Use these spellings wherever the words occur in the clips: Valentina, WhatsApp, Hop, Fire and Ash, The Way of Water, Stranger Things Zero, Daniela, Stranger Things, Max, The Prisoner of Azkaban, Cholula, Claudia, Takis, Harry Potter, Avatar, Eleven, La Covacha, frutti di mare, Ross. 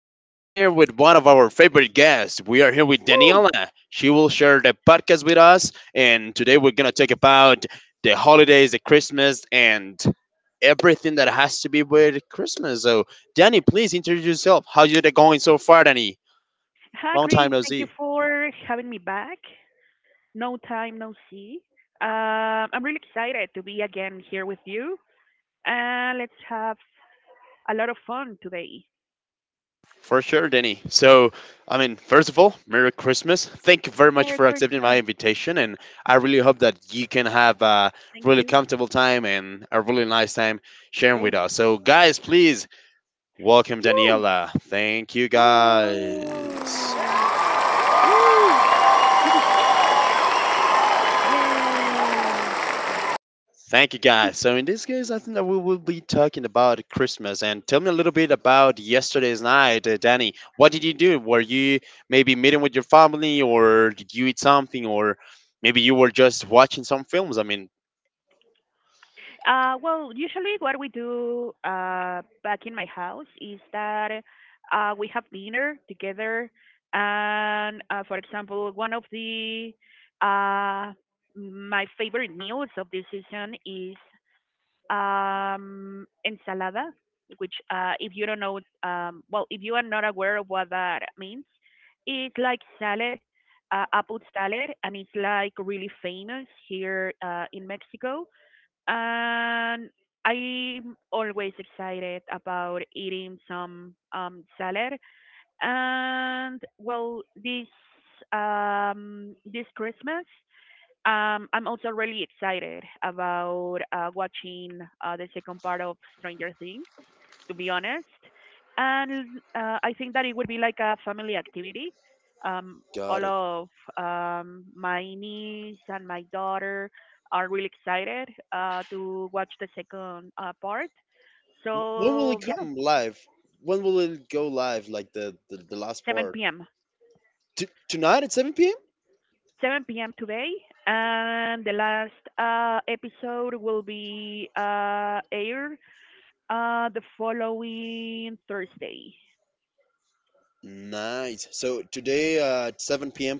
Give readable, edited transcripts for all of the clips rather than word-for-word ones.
Today, we're here with one of our favorite guests. We are here with Woo! Daniela. She will share the podcast with us, and today we're gonna talk about the holidays, the Christmas, and everything that has to be with Christmas. So, Danny, please introduce yourself. How's it going so far, Danny? Hi, Long time Chris. no Thank see. you for having me back. No time, no see. I'm really excited to be again here with you. And let's have a lot of fun today. For sure, Denny. So, I mean, first of all, Merry Christmas. Thank you very much Merry for accepting my Christmas. invitation. And I really hope that you can have a Thank really you. comfortable time and a really nice time sharing with Same. us. So, guys, please welcome Woo! Daniela. Thank you, guys. Woo! Woo! Yay! Thank you, guys. So in this case, I think that we will be talking about Christmas. And tell me a little bit about yesterday's night, Danny. What did you do? Were you maybe meeting with your family, or did you eat something, or maybe you were just watching some films? I mean, Well, usually what we do back in my house is that we have dinner together, and for example, one of the uh, my favorite meals of this season is ensalada, which if you don't know, well, if you are not aware of what that means, it's like salad, apple salad, and it's like really famous here in Mexico and I'm always excited about eating some salad. And well, this Christmas, I'm also really excited about watching the second part of Stranger Things, to be honest. And I think that it would be like a family activity. Got All it. of my niece and my daughter are really excited to watch the second part. When will it So yeah, come live? When will it go live? Like the last part? 7 p.m. Tonight at seven p.m. 7 p.m. today, and the last episode will be aired the following Thursday. Nice. So today at 7 p.m.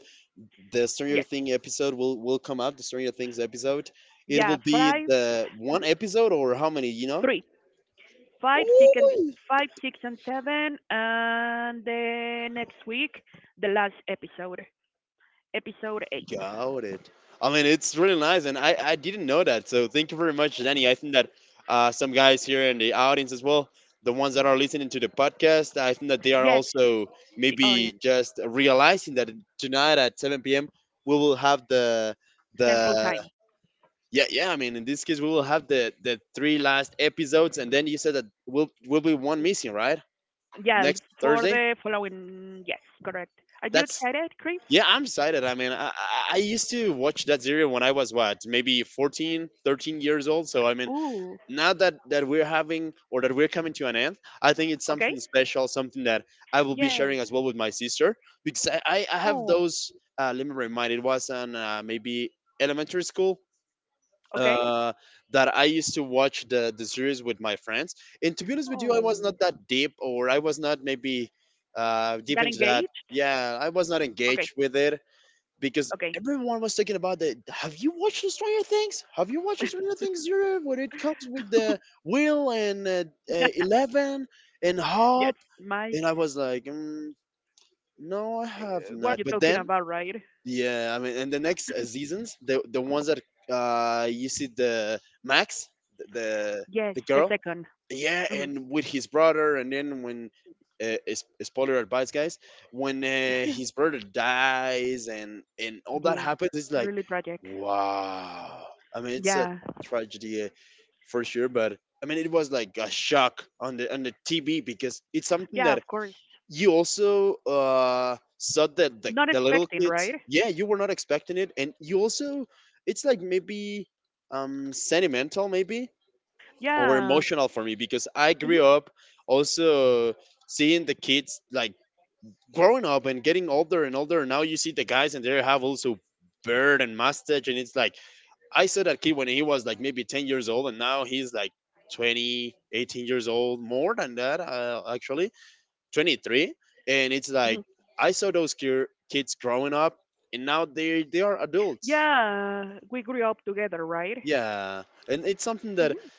the Stranger Yes, Thing episode will come up. The Stranger Things episode. It yeah, will be five, the one episode or how many? You know. three, five, six, and Ooh, five, six, and seven, and the next week, the last episode, episode eight. got it. I mean, it's really nice, and I didn't know that. So thank you very much, Danny. I think that some guys here in the audience as well, the ones that are listening to the podcast, I think that they are Yes, also the maybe audience, just realizing that tonight at 7 p.m. we will have the Central the Time. yeah, yeah, I mean, in this case, we will have the three last episodes, and then you said that will be one missing, right? Yeah, Next for Thursday. the following. Yes, correct. Are you That's excited, Chris? yeah, I'm excited. I mean, I used to watch that series when I was what maybe 14, 13 years old. So I mean, Ooh, now that we're having or that we're coming to an end, I think it's okay. something special, something that I will be Yes. sharing as well with my sister because I have Oh, those. Let me remind. It was on maybe elementary school okay. uh, that I used to watch the series with my friends. And to be honest with you, I was Oh, not that deep, or I was not maybe deep that into that. engaged? Yeah, I was not Okay, engaged with it because okay. everyone was talking about the. Have you watched Stranger Things? Have you watched Stranger Things Zero? When it comes with the Will and 11 and Yes, Hop, and Mike. I was like, no, I have What not. are you But then talking about, right? yeah, I mean, in the next seasons, the ones that you see the Max, the the, Yes, the the girl, 2nd. yeah, Hmm. and with his brother, and then when is spoiler advice, guys, when his brother dies and all that Yes, happens, it's like, really tragic. wow. I mean, it's a Yeah. tragedy for sure, but I mean, it was like a shock on the TV because it's something Yeah, that of course. you also saw that Not the little expecting, kids, right? yeah, you were not expecting it, and you also it's like maybe sentimental maybe or Yeah. emotional for me because I grew Hmm. up also seeing the kids like growing up and getting older and older. Now you see the guys, and they have also beard and mustache, and it's like I saw that kid when he was like maybe 10 years old, and now he's like 20, 18 years old, more than that, actually 23. And it's like Hmm. I saw those kids growing up, and now they are adults. Yeah. We grew up together, right? Yeah, and it's something that Hmm.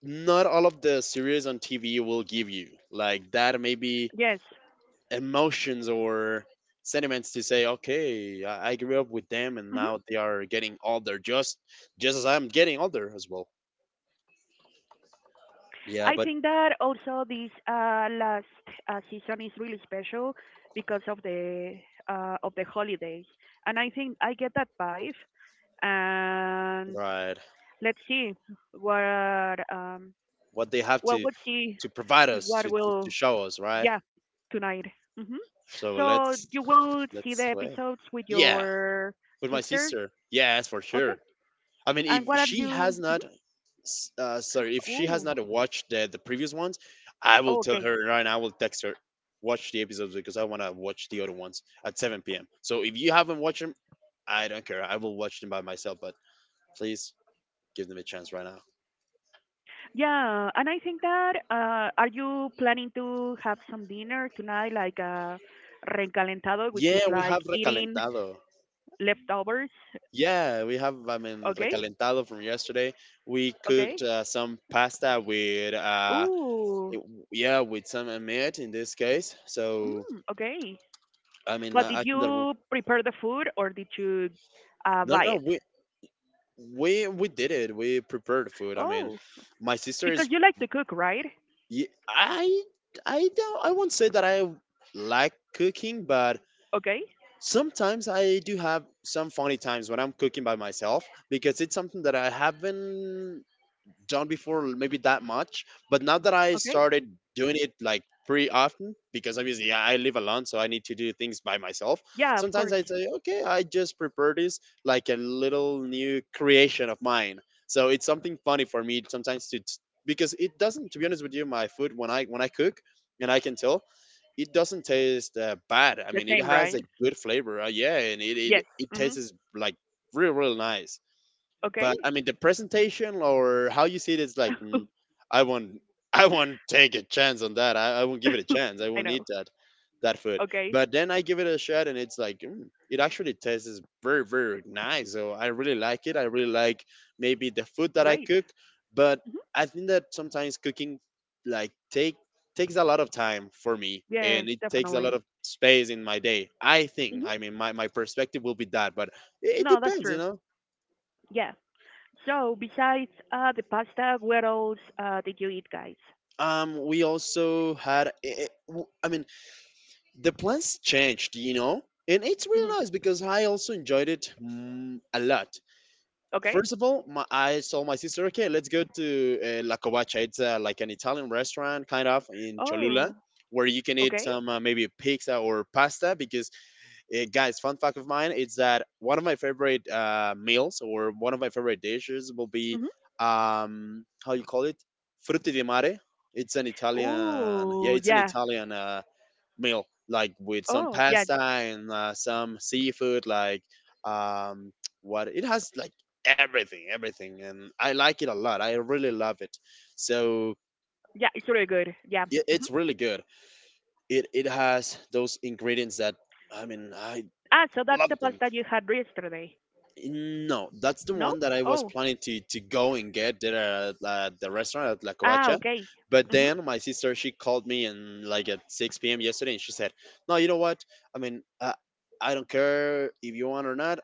not all of the series on TV will give you like that, maybe Yes. emotions or sentiments to say, okay, I grew up with them, and Hmm. now they are getting older, just as I'm getting older as well. Yeah, I but think that also this last season is really special because of the holidays, and I think I get that vibe. And right, let's see what what they have to we'll see provide us what to, to will. show us, right? Yeah, tonight. Hmm. So So you will see the let's wait. episodes with Yeah, your with my sister, sister. Yes, for sure. okay? I mean, if And what are she has you? not, sorry, if she has not Oh, watched the previous ones, I will oh, tell okay. her right now. I will text her, watch the episodes because I want to watch the other ones at 7 p.m. So if you haven't watched them, I don't care. I will watch them by myself. But please give them a chance right now. Yeah, and I think that are you planning to have some dinner tonight, like recalentado, which is Yeah, we like have eating recalentado. leftovers? Yeah, we have. I mean, Okay, recalentado from yesterday. We okay. cooked some pasta with Ooh, it- yeah, with Sam and Matt in this case. So mm, okay. I mean, But did I think that you prepare the food or did you no, no, buy no, it? we did it. We prepared food. I mean, Oh, my sister because is. you like to cook, right? y- I I don't. I won't say that I like cooking, but Okay. sometimes I do have some funny times when I'm cooking by myself, because it's something that I haven't done before, maybe that much. But now that I Okay. started doing it like pretty often, because obviously I live alone, so I need to do things by myself. Yeah, of Sometimes course. I say, okay, I just prepare this like a little new creation of mine. So it's something funny for me sometimes to, because it doesn't, to be honest with you, my food when I cook, and I can tell it doesn't taste bad. I The mean, it same, has right? a good flavor. Yeah, and it Yes. it Mhm. tastes like really really nice. Okay. But I mean, the presentation or how you see it is like, mm, I won't, I won't take a chance on that. I won't give it a chance. I I won't know. eat that food. Okay. But then I give it a shot, and it's like, mm, it actually tastes very, very nice. So I really like it. I really like maybe the food that I Great. cook, but Mhm. I think that sometimes cooking, like, takes a lot of time for me, and Yes, it takes a lot definitely. of space in my day. I think. Mhm. I mean, my perspective will be that, but it No, that's depends, you true. know. Yeah. So, besides the pasta, what else did you eat, guys? Um, we also had I mean the plans changed, you know, and it's Mhm. really nice because I also enjoyed it a lot. Okay. First of all, I told my sister, okay, let's go to la Covacha. It's like an Italian restaurant kind of in Cholula Oh. where you can eat Okay. some maybe pizza or pasta, because eh, guys, fun fact of mine is that one of my favorite meals or one of my favorite dishes will be Mhm. How you call it, frutti di mare. It's an Italian, yeah, Ooh, it's an yeah. Italian meal like with some Oh, yeah. pasta and some seafood. Like um, what it has like everything, everything, and I like it a lot. I really love it. So It's really good. Yeah. yeah, Mhm. it's really good. It has those ingredients that I mean I Ah, so that's love the them. pasta you had yesterday. No, that's the No? one that I was Oh. planning to go and get there at the restaurant at La Ah, Covacha. okay. But Mm-hmm. then my sister, she called me, and like at 6 p.m. yesterday, and she said, no, you know what? I mean, I don't care if you want or not,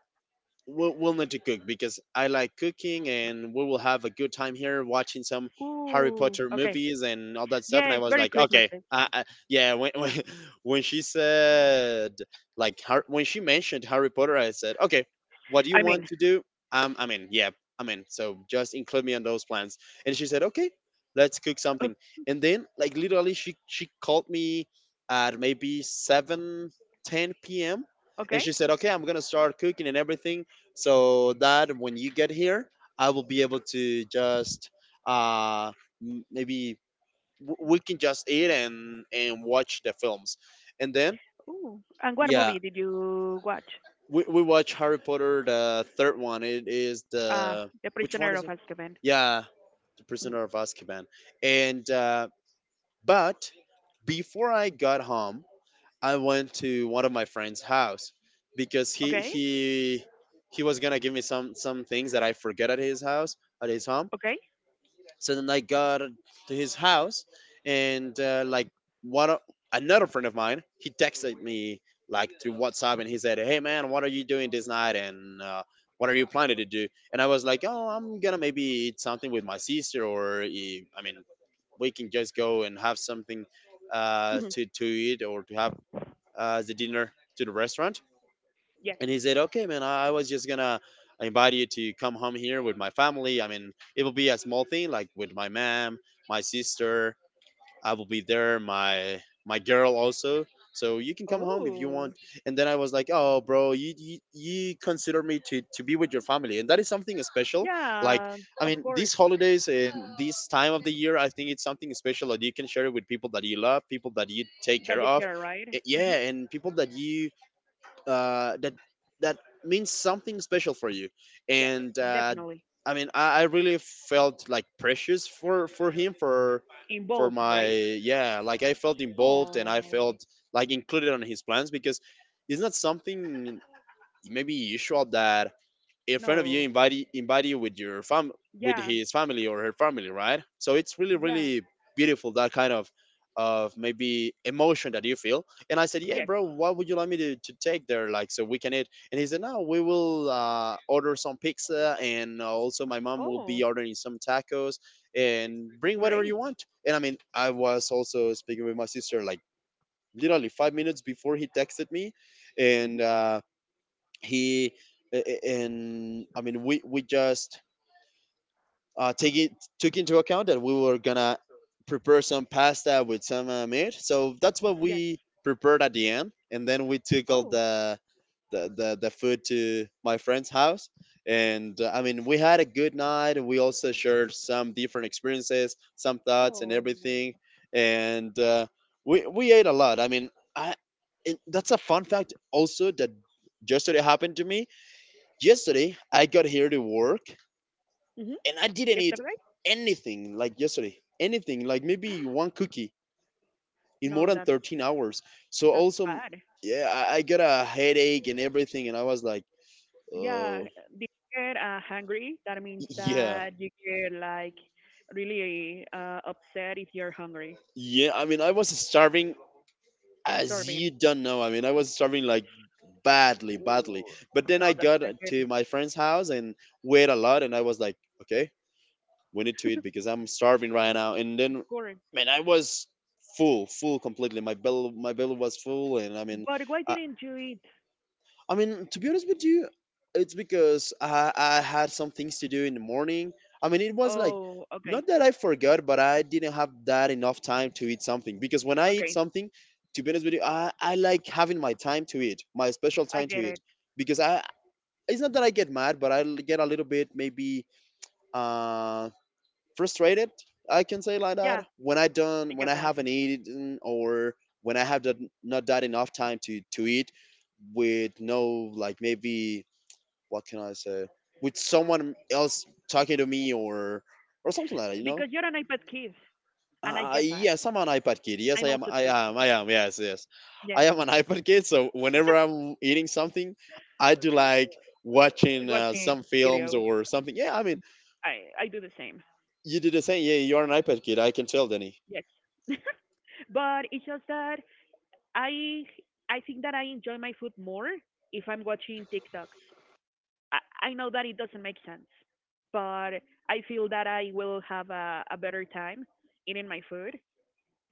we'll need to cook because I like cooking, and we will have a good time here watching some Harry Ooh, Potter okay. movies and all that stuff. And I Yes, was very like, okay, Christmassy. Yeah. When, when she said like when she mentioned Harry Potter, I said, okay, what do you I want mean, to do? I mean, yeah, I mean, so just include me on those plans. And she said, okay, let's cook uh, something. And then like literally, she called me at maybe 7:10 p.m. And okay. she said, okay, I'm gonna start cooking and everything so that when you get here, I will be able to just uh, maybe we can just eat and watch the films, and then Ooh, and what yeah, movie did you watch? We watch Harry Potter, the third one. It is Uh, the The which one Prisoner is of it? Azkaban. Yeah, The Mhm. Prisoner of Azkaban, and but before I got home, I went to one of my friend's house because he Okay, he he was gonna give me some things that I forget at his house at his home. okay. So then I got to his house, and like one o- another friend of mine, he texted me like through WhatsApp, and he said, "Hey man, what are you doing this night?" And what are you planning to do? And I was like, oh, I'm gonna maybe eat something with my sister, or I mean, we can just go and have something Mhm. to eat or to have the dinner to the restaurant. Yes. And he said, okay, man, I was just gonna invite you to come home here with my family. I mean, it will be a small thing, like with my mom, my sister. I will be there, my girl also. So you can come home if you Oh, want. And then I was like, oh, bro, you consider me to be with your family, and that is something special. Like, yeah, I of mean, these course. holidays and this time of the year, I think it's something special that you can share it with people that you love, people that you take care That you of. care, right? Hmm. Yeah, and people that you uh, that that means something special for you Yes, and definitely. I mean I really felt like precious for him for In for both, my right? yeah like I felt involved and I Oh, felt like included on his plans because it's not something maybe usual that in front of you no. invite you with your fam with Yeah, his family or her family, right? So it's really yeah, really beautiful, that kind of maybe emotion that you feel. And I said, yeah yes. bro, what would you like me to take there like so we can eat? And he said, no, we will order some pizza and also my mom will be Oh, ordering some tacos and bring whatever you great. want. And I mean I was also speaking with my sister like literally 5 minutes before he texted me, and Hmm. He a- and I mean we just take it took into account that we were gonna prepare some pasta with some meat, so that's what we Yes. prepared at the end, and then we took all Oh, the the food to my friend's house. And I mean we had a good night. We also shared some different experiences, some thoughts and oh. everything. And We ate a lot. I, it, that's a fun fact also that just today happened to me. Yesterday, I got here to work Hmm. and I didn't eat Yesterday? anything, like yesterday. Anything like maybe one cookie in more No, than that 13 hours. So That's also, bad. yeah, I got a headache and everything, and I was like, Yeah, oh, did you get hungry? That means yeah, that you get like really upset if you're hungry, yeah. I mean, I was starving, as you starving. don't know. I mean, I was starving like badly, badly. But then I No, that's got not good. to my friend's house and wait a lot, and I was like, okay, we need to eat because I'm starving right now. And then, Correct. man, I was full, full completely. My belly was full, and I mean, But why I, didn't you eat? I mean, to be honest with you, it's because I had some things to do in the morning. I mean, it was like Oh, okay, not that I forgot, but I didn't have that enough time to eat something. Because when I eat okay, something, to be honest with you, I like having my time to eat, my special I time to get eat. it. Because I it's not that I get mad, but I get a little bit maybe um frustrated, I can say, like Yeah, that, when I I done when get I that. haven't eaten, or when I have done, not that enough time to eat with no, like maybe, what can I say, with someone else talking to me or something like that, you know. Because you're an iPad kid, and I get that. Yes, I'm an ipad kid, yes I I'm am, also I too. am, I am, yes yes. Yes, I am an ipad kid, so whenever I'm eating something I do like uh, watching watching some films video. or something, yeah. I mean, I do the same. you do the same, yeah, you're an ipad kid, I can tell, Danny. Yes. But it's just that I I think that I enjoy my food more if I'm watching TikToks. I know that it doesn't make sense, but I feel that I will have a better time eating my food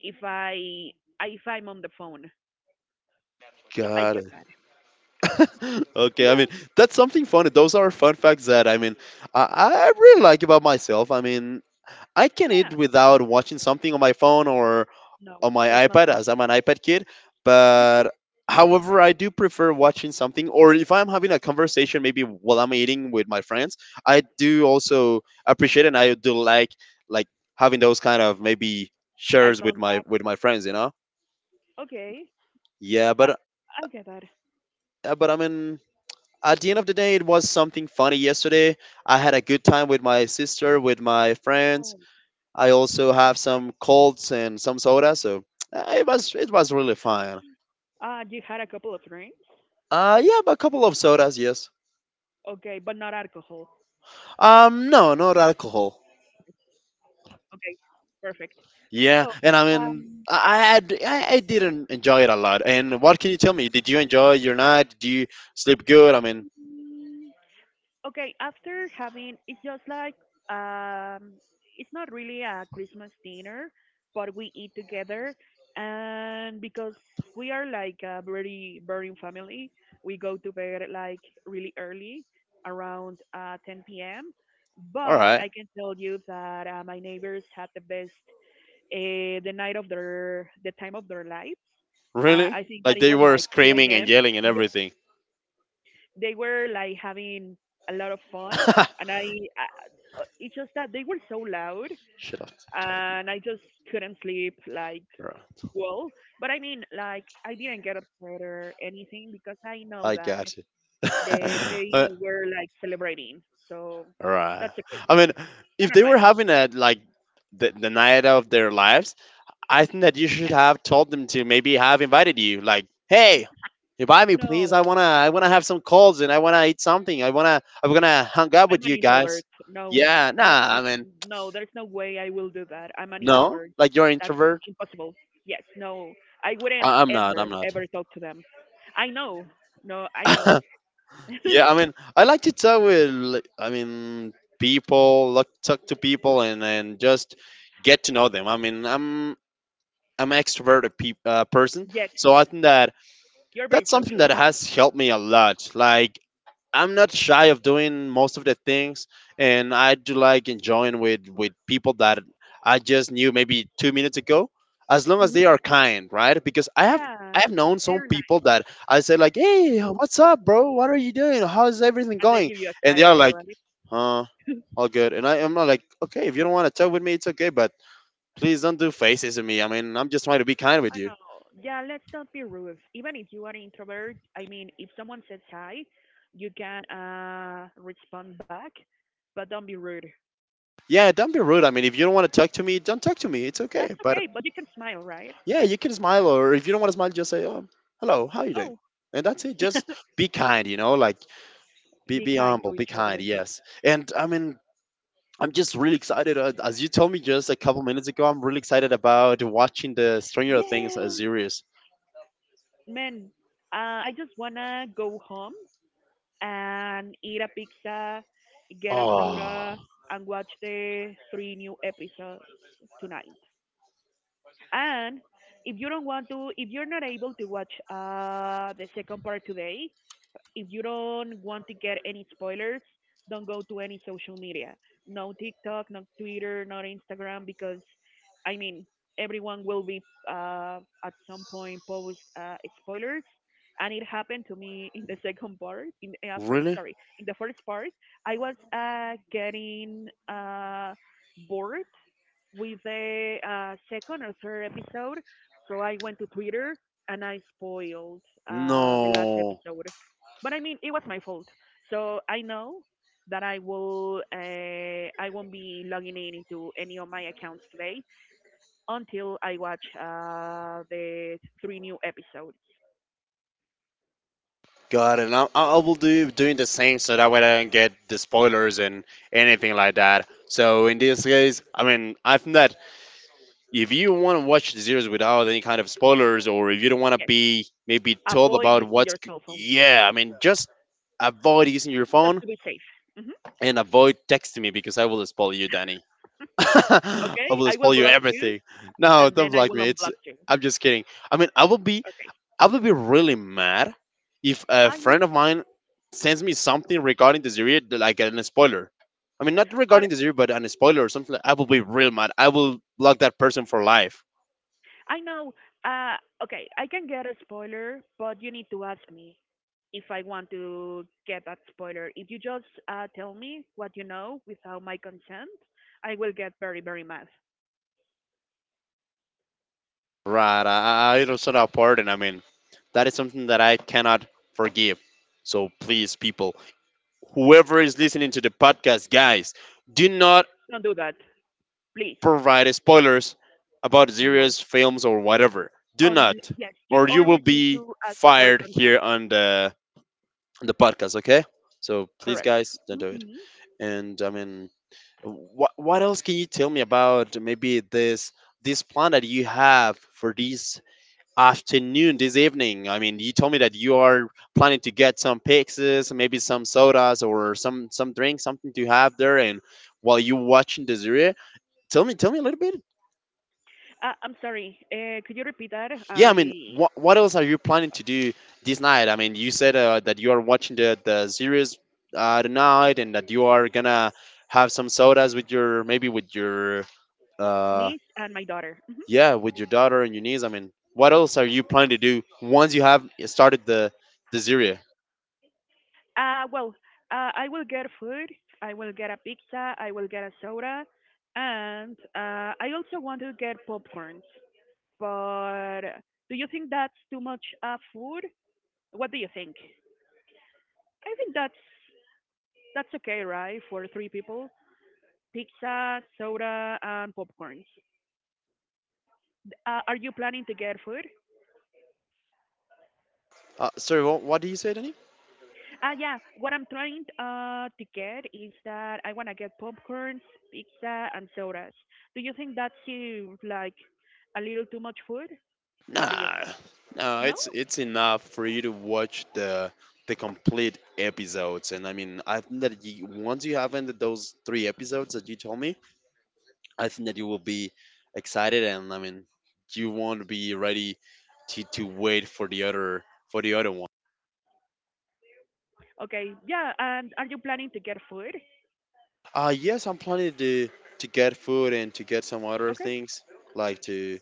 if I if I'm on the phone. So I Got get it. that. Okay, I mean, that's something funny. Those are fun facts that I mean I, I really like about myself. I mean I can eat Yeah, without watching something on my phone or on no, my that's not iPad, as I'm possible. an iPad kid. But however, I do prefer watching something, or if I'm having a conversation, maybe while I'm eating with my friends, I do also appreciate and I do like like having those kind of maybe Eye shares contact. with my friends. You know? Okay, Yeah, I I get that. But I mean, at the end of the day, it was something funny yesterday. I had a good time with my sister, with my friends. Oh, I also yeah. have some colds and some soda, so it was, it was really fun. You had a couple of drinks. Yeah, but a couple of sodas, yes. Okay, but not alcohol. No, not alcohol. Okay, perfect. Yeah, So, and I mean, I, had, I didn't enjoy it a lot. And what can you tell me? Did you enjoy your night? Did you sleep good? I mean, um, Okay, After having, it's just like, um, it's not really a Christmas dinner, but we eat together. And because we are like a very burning family, we go to bed like really early, around 10 p.m. all But right, I can tell you that my neighbors had the the night of the time of their lives. Really? I think that Like it they was were like 2 screaming and a.m. yelling and everything. They were like having a lot of fun, and I it's just that they were so loud, Should have told you. and I just couldn't sleep like All right. well. But I mean, like I didn't get upset or anything because I know I that got you. they they were like celebrating, so right. that's okay. I mean, if I they don't were mind. having a like the night of their lives, I think that you should Yeah, have told them to maybe have invited you. Like, hey, invite me, please. No, I wanna have some calls and I wanna eat something. I'm gonna hang out I'm with an you guys. introvert. No, Yeah. that's Nah. I not, mean, no, there's no way I will do that. I'm an no. introvert. Like you're an That's introvert. impossible. Yes, no, I wouldn't I'm not. I'm ever, not. ever talk to them. I know. No, I know. Yeah, I mean, I like to talk with, like, I mean, people, like talk to people, and just get to know them. I mean, I'm an extroverted peop person, Yes, so I think that you're very that's something social. that has helped me a lot. Like I'm not shy of doing most of the things, and I do like enjoying with people that I just knew maybe 2 minutes ago, as long as Hmm. they are kind, right? Because Yeah, I have known some they're nice. people that I say like, "Hey, Ooh, what's up, bro? What are you doing? How's everything and they going?" give you a And they side are eye, like, right? "Huh, all good." And I am not like, "Okay, if you don't want to talk with me, it's okay, but please don't do faces at me. I mean, I'm just trying to be kind with I you." know. Yeah, let's not be rude. Even if you are an introvert, I mean, if someone says hi, you can respond back, but don't be rude. Yeah, don't be rude. I mean, if you don't want to talk to me, don't talk to me. It's That's okay. But okay, but you can smile, right? yeah, you can smile, or if you don't want to smile, just say, "Oh, hello, how you Oh. doing?" And that's it. Just be kind, you know, like Be be kind to humble, each be other. kind. Yes, and I mean, I'm just really excited. As you told me just a couple minutes ago, I'm really excited about watching the Stranger Things Yeah, series. man. I just wanna go home and eat a pizza, get a soda, Oh, and watch the three new episodes tonight. And if you don't want to, if you're not able to watch the second part today, if you don't want to get any spoilers, don't go to any social media. No TikTok, no Twitter, not Instagram, because I mean everyone will be at some point post spoilers, and it happened to me in the second part. Really? Sorry, in the first part, I was getting bored with the second or third episode. So I went to Twitter and I spoiled the last No. episode. But I mean, it was my fault. So I know that I will I won't be logging in into any of my accounts today until I watch the three new episodes. Got it. I will do doing the same so that way I don't get the spoilers and anything like that. So in this case, I mean, I've not, if you want to watch the series without any kind of spoilers, or if you don't want to Yes, be maybe told avoid about using what's your cell phone yeah, I mean, just avoid using your phone just to be safe. Hmm. and avoid texting me because I will spoil you, Danny. I Okay, will I spoil will you block you everything. No, and don't then I block will me, it's unblock you. I'm just kidding. I mean. Okay. I will be really mad if a I friend of mine sends me something regarding the series, like an spoiler. I mean, not regarding but the series, but an spoiler or something like, I will be real mad, I will block that person for life. I know. Uh, okay, I can get a spoiler, but you need to ask me if I want to get that spoiler. If you just tell me what you know without my consent, I will get very, very mad. Right. I understand that part, and I mean, that is something that I cannot forgive. So please, people, whoever is listening to the podcast, guys, do not Don't do that, please. provide spoilers about No. series, films, or whatever. Do not, Yes, you or you always will need be to ask for a fired consent. here on the podcast. Okay. So please, Correct. guys, Hmm. don't do it. And I mean, what else can you tell me about maybe this plan that you have for this afternoon, this evening? I mean, you told me that you are planning to get some pizzas, maybe some sodas or some drink, something to have there, and while you're watching the series, tell me a little bit. I'm sorry. Could you repeat that? Yeah, I mean, I what else are you planning to do this night? I mean, you said that you are watching the series tonight, and that you are gonna have some sodas with your maybe with your uh Sneeze and my daughter. Mm-hmm. yeah, with your daughter and your niece. I mean, what else are you planning to do once you have started the Syria? Well, I will get food. I will get a pizza. I will get a soda, and I also want to get popcorns. But do you think that's too much food? What do you think? I think That's okay, right? For three people, pizza, soda, and popcorns. Are you planning to get food? Sorry, what did you say, Danny? Yeah, what I'm trying to get is that I want to get popcorns, pizza, and sodas. Do you think that seems like a little too much food? What do you Nah, think? no, No? it's it's enough for you to watch the complete episodes. And I mean, I think that you, once you have ended those 3 episodes that you told me, I think that you will be excited. And I mean, you won't be ready to wait for the other for the other. Okay, yeah, and are you planning to get food? Yes, I'm planning to get food and to get some other Okay, things like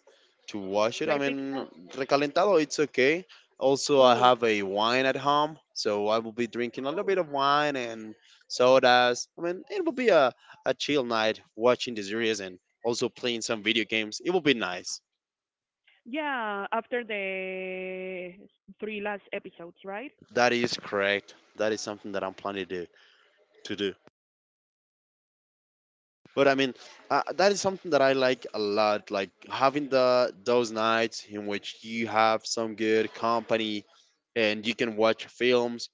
to wash it. like I a mean, pizza? recalentado, it's okay. Also, I Ooh. have a wine at home, so I will be drinking a little bit Ooh. of wine and sodas. I mean, it will be a chill night watching the series and also playing some video games. It will be nice. Yeah, after the three last episodes, right? That is correct. That is something that I'm planning to do. But I mean, that is something that I like a lot. Like having the those nights in which you have some good company, and you can watch films,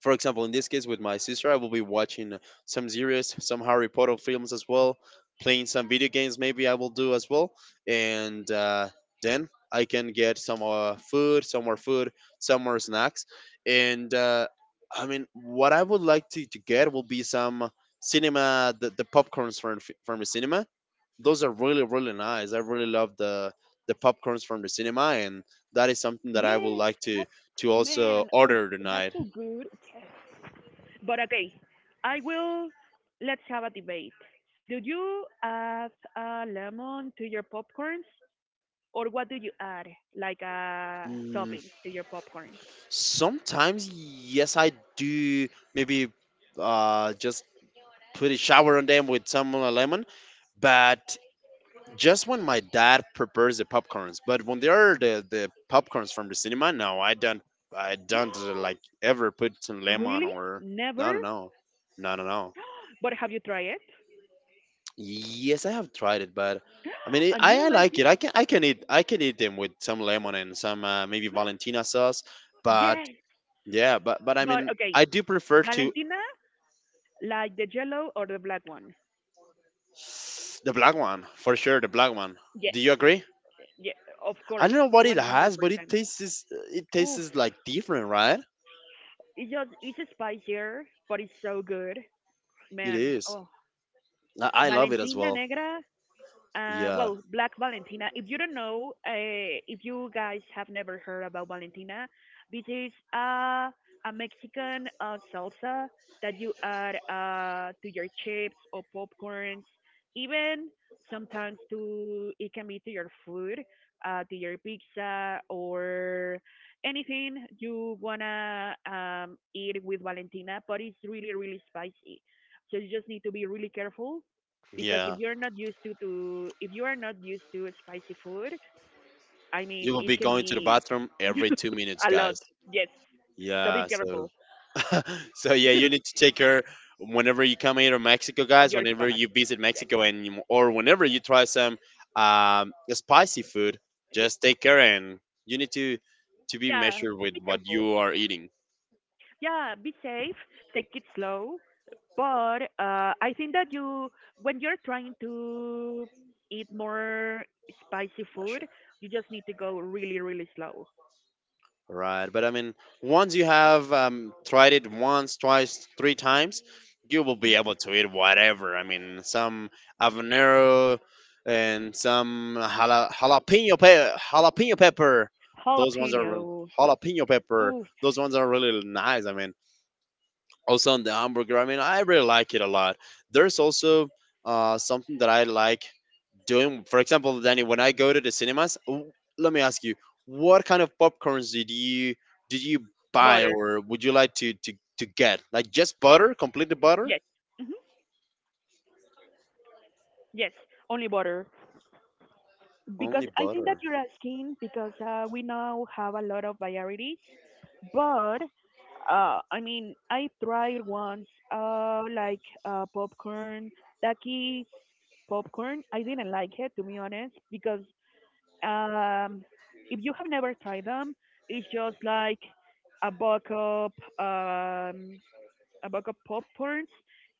for example, in this case with my sister. I will be watching some series, some Harry Potter films as well, playing some video games. Maybe I will do as well, and then I can get some food, some more snacks, and I mean, what I would like to get will be some cinema, the popcorns from the cinema. Those are really really nice. I really love the popcorns from the cinema, and that is something that I would Yes, like that's, to also man, oof, order that's tonight. so good. But okay, I will, let's have a debate. Do you add a lemon to your popcorns, or what do you add, like toppings to your popcorns? Sometimes, yes, I do maybe just put a shower on them with some lemon, but just when my dad prepares the popcorns. But when they are the popcorns from the cinema, no, I don't. I don't like ever put some lemon Really? or Never. no, no, no, no, no, no. But have you tried it? Yes, I have tried it, but I mean, And you I don't like like it. it? I can I can eat them with some lemon and some maybe Valentina sauce, but Yes. yeah, but I But mean, okay, I do prefer to Valentina, like the yellow or the black one? the black one, for sure, the black one. Yes. Do you agree? Yeah, of I course, don't know what one it hundred has, but it percent. tastes it Oof, tastes like different, right? it's just it's spicier, but it's so good, It man. is. Oh, I love it as Valentina well. Negra. Well, Yeah, Black Valentina. If you don't know, if you guys have never heard about Valentina, this is a Mexican salsa that you add to your chips or popcorns, even sometimes to it can be to your food, to your pizza or anything you wanna eat with Valentina. But it's really really spicy, so you just need to be really careful because yeah. if you're not used to if you are not used to spicy food, I You mean will be it can going to the be bathroom every two minutes, a lot. guys. Yes. So be Yeah, careful so so yeah, you need to take care whenever you come here to Mexico, of guys. your Whenever stomach. you visit Yes. Mexico and you- or whenever you try some spicy food, Yes. just take care and you need to be Yeah. measured with Be what careful. you are eating. Yeah. Be safe. Take it slow. But I think that you, when you're trying to eat more spicy food, you just need to go really, really slow. Right, but I mean, once you have tried it once, twice, three times, you will be Yes. able to eat whatever. I mean, some habanero and some jalapeno pepper. Those ones are Jalapeno. jalapeno pepper. Oof. Those ones are really nice. I mean, also on the hamburger. I mean, I really like it a lot. There's also something that I like doing, for example, Danny, when I go to the cinemas. Let me ask you, what kind of popcorns did you buy, Butter. or would you like to get? Like just butter, completely butter, Yes. Mhm. Yes, only butter. Because only I think that butter? you're asking because we now have a lot of varieties, but I mean, I tried once popcorn, Takis popcorn. I didn't like it to be honest because um, if you have never tried them, it's just like a buck up. Um, a bag of popcorns,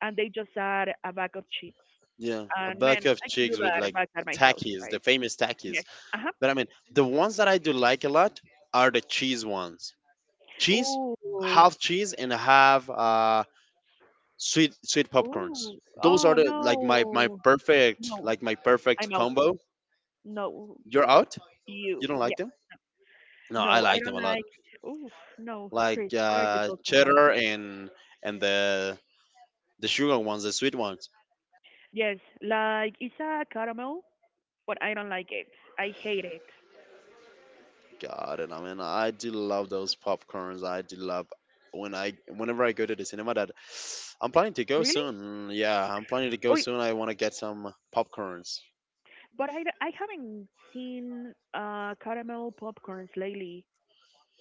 and they just add a bag of chips. Yeah, a And bag man, of I can do chicks with that like back at my house, Takis, the right? famous Takis. Yes. Uh-huh. But I mean, the ones that I do like a lot are the cheese ones. Cheese, Ooh, half cheese and half sweet, popcorns. ooh, Those are oh the no, like my perfect, no, like my perfect I'm out. combo. No, You're out. You don't like yeah, them? No, I no, I like them a don't lot. like. Oof, no, Chris, Like what are you talking about? cheddar and and the sugar ones, the sweet ones. Yes, like it's a caramel, but I don't like it. I hate it. God, and I mean, I do love those popcorns. I do love when I whenever I go to the cinema. That I'm planning to go Really? soon. Yeah, I'm planning to go Oh, soon. I want to get some popcorns. but I haven't seen caramel popcorns lately.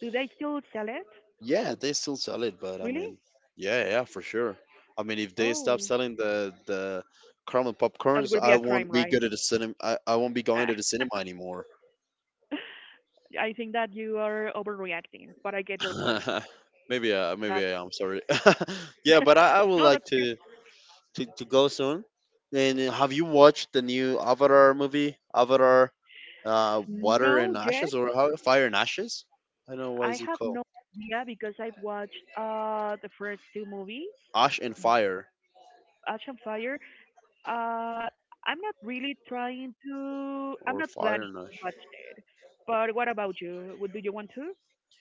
Do they still sell it? Yeah, they still sell it, but I mean, Really? yeah, yeah, for sure. I mean, if they stop Oh, selling the caramel that popcorns, would be I a crime, won't be right? good at the cinema. I won't be going to the cinema anymore. I think that you are overreacting, but I get your point. Maybe, That maybe I am. Sorry. Yeah, but I would No, like that's okay. To go soon. And have you watched the new Avatar movie, Avatar, Water and No, yet Ashes, or how Fire and Ashes? I don't know why I is it have called no idea because I've watched the first two movies, Ash and Fire Ash and Fire. Uh, I'm not really trying to. I'm or not Fire planning and to Ash. watch it. But what about you? Would Do you want to?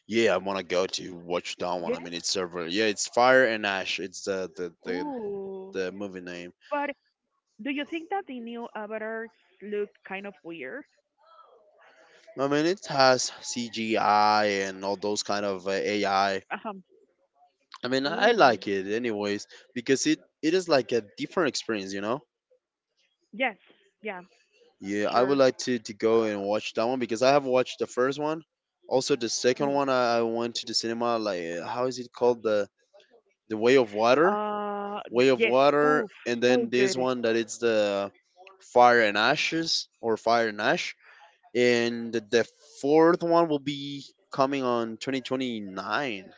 Yeah, I want to go to watch that one. Yeah. I mean, it's several. Yeah, it's Fire and Ash. It's Ooh. the movie name. But do you think that the new avatars look kind of weird? I mean, it has CGI and all those kind of AI. Uh-huh. I mean, I Oh, like it anyways because it is like a different experience, you know. yes. Yeah, sure. Yeah, I would like to go and watch that one because I have watched the first one. Also, the Mhm. second one, I went to the cinema. Like, how is it called? The Way of Water. Uh, Way yes. of Oof, Water, so and then good. this one that it's the Fire and Ashes or Fire and Ash, and the fourth one will be coming on 2029.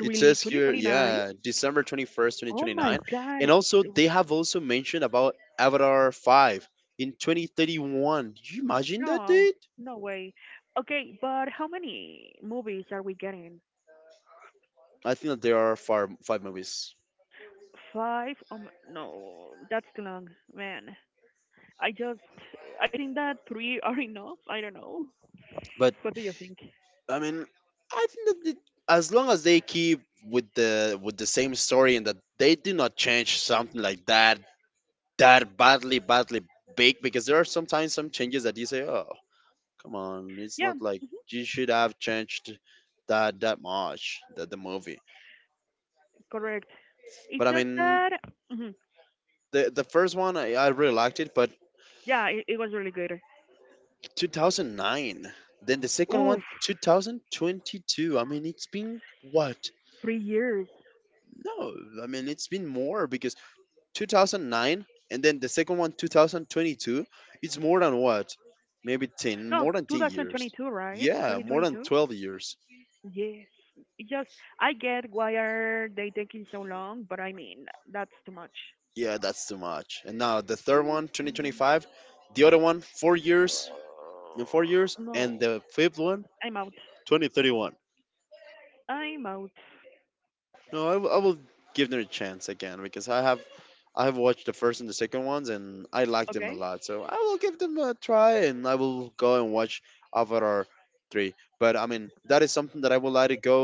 It says here, 2029? yeah, December 21st, Oh my 2029, God. and also they have also mentioned about Avatar 5 in 2031. Did you imagine that No, date? no way. Okay, but how many movies are we getting? I think that there are five movies. Five? Oh, no, that's too long, man. I just, I think that three are enough. I don't know. But. What do you think? I mean, I think that it, as long as they keep with the same story, and that they do not change something like that badly, big. Because there are sometimes some changes that you say, oh, come on, it's Yeah, not like you should have changed that much the movie. correct. It's But I just mean, that. Mhm. The first one, I really liked it, but Yeah, it was really good. 2009. Then the second Oof, one, 2022. I mean, it's been what? 3 years. No, I mean it's been more because 2009, and then the second one, 2022. It's more than what, maybe 10, No, more than 10 years. 2022, right? Yeah, more than 2022? 12 years. Yes. It just, I get why are they taking so long, but I mean, that's too much. Yeah, that's too much. And now the third one, Mhm. 2025. The other one, 4 years, in 4 years, No, and the fifth one, I'm out. 2031. I'm out. No, I will give them a chance again because I have watched the first and the second ones, and I liked them a Okay. lot. So I will give them a try, and I will go and watch Avatar 3. But I mean, that is something that I would like to go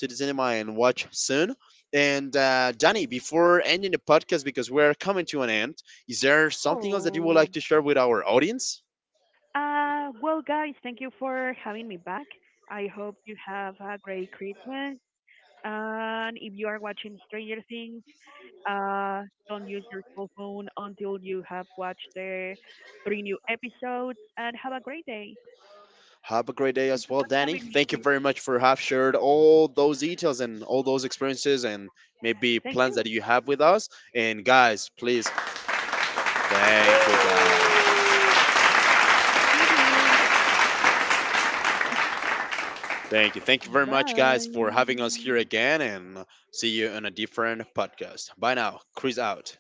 to the cinema and watch soon. And Danny, before ending the podcast, because we're coming to an end, is there something else that you would Oh. like to share with our audience? Well, guys, thank you for having me back. I hope you have a great Christmas. And if you are watching Stranger Things, uh, don't use your cell phone until you have watched the three new episodes. And have a great day. Have a great day Thank as you well, for Danny. having me, Thank you Chris. very much for have shared all those details and all those experiences, and maybe Thank plans that you. you have with us. And guys, please, thank you guys. Woo! See you. Thank you. Thank you very much, guys, for having us here Bye. again, and see you on a different podcast. Bye now. Chris out.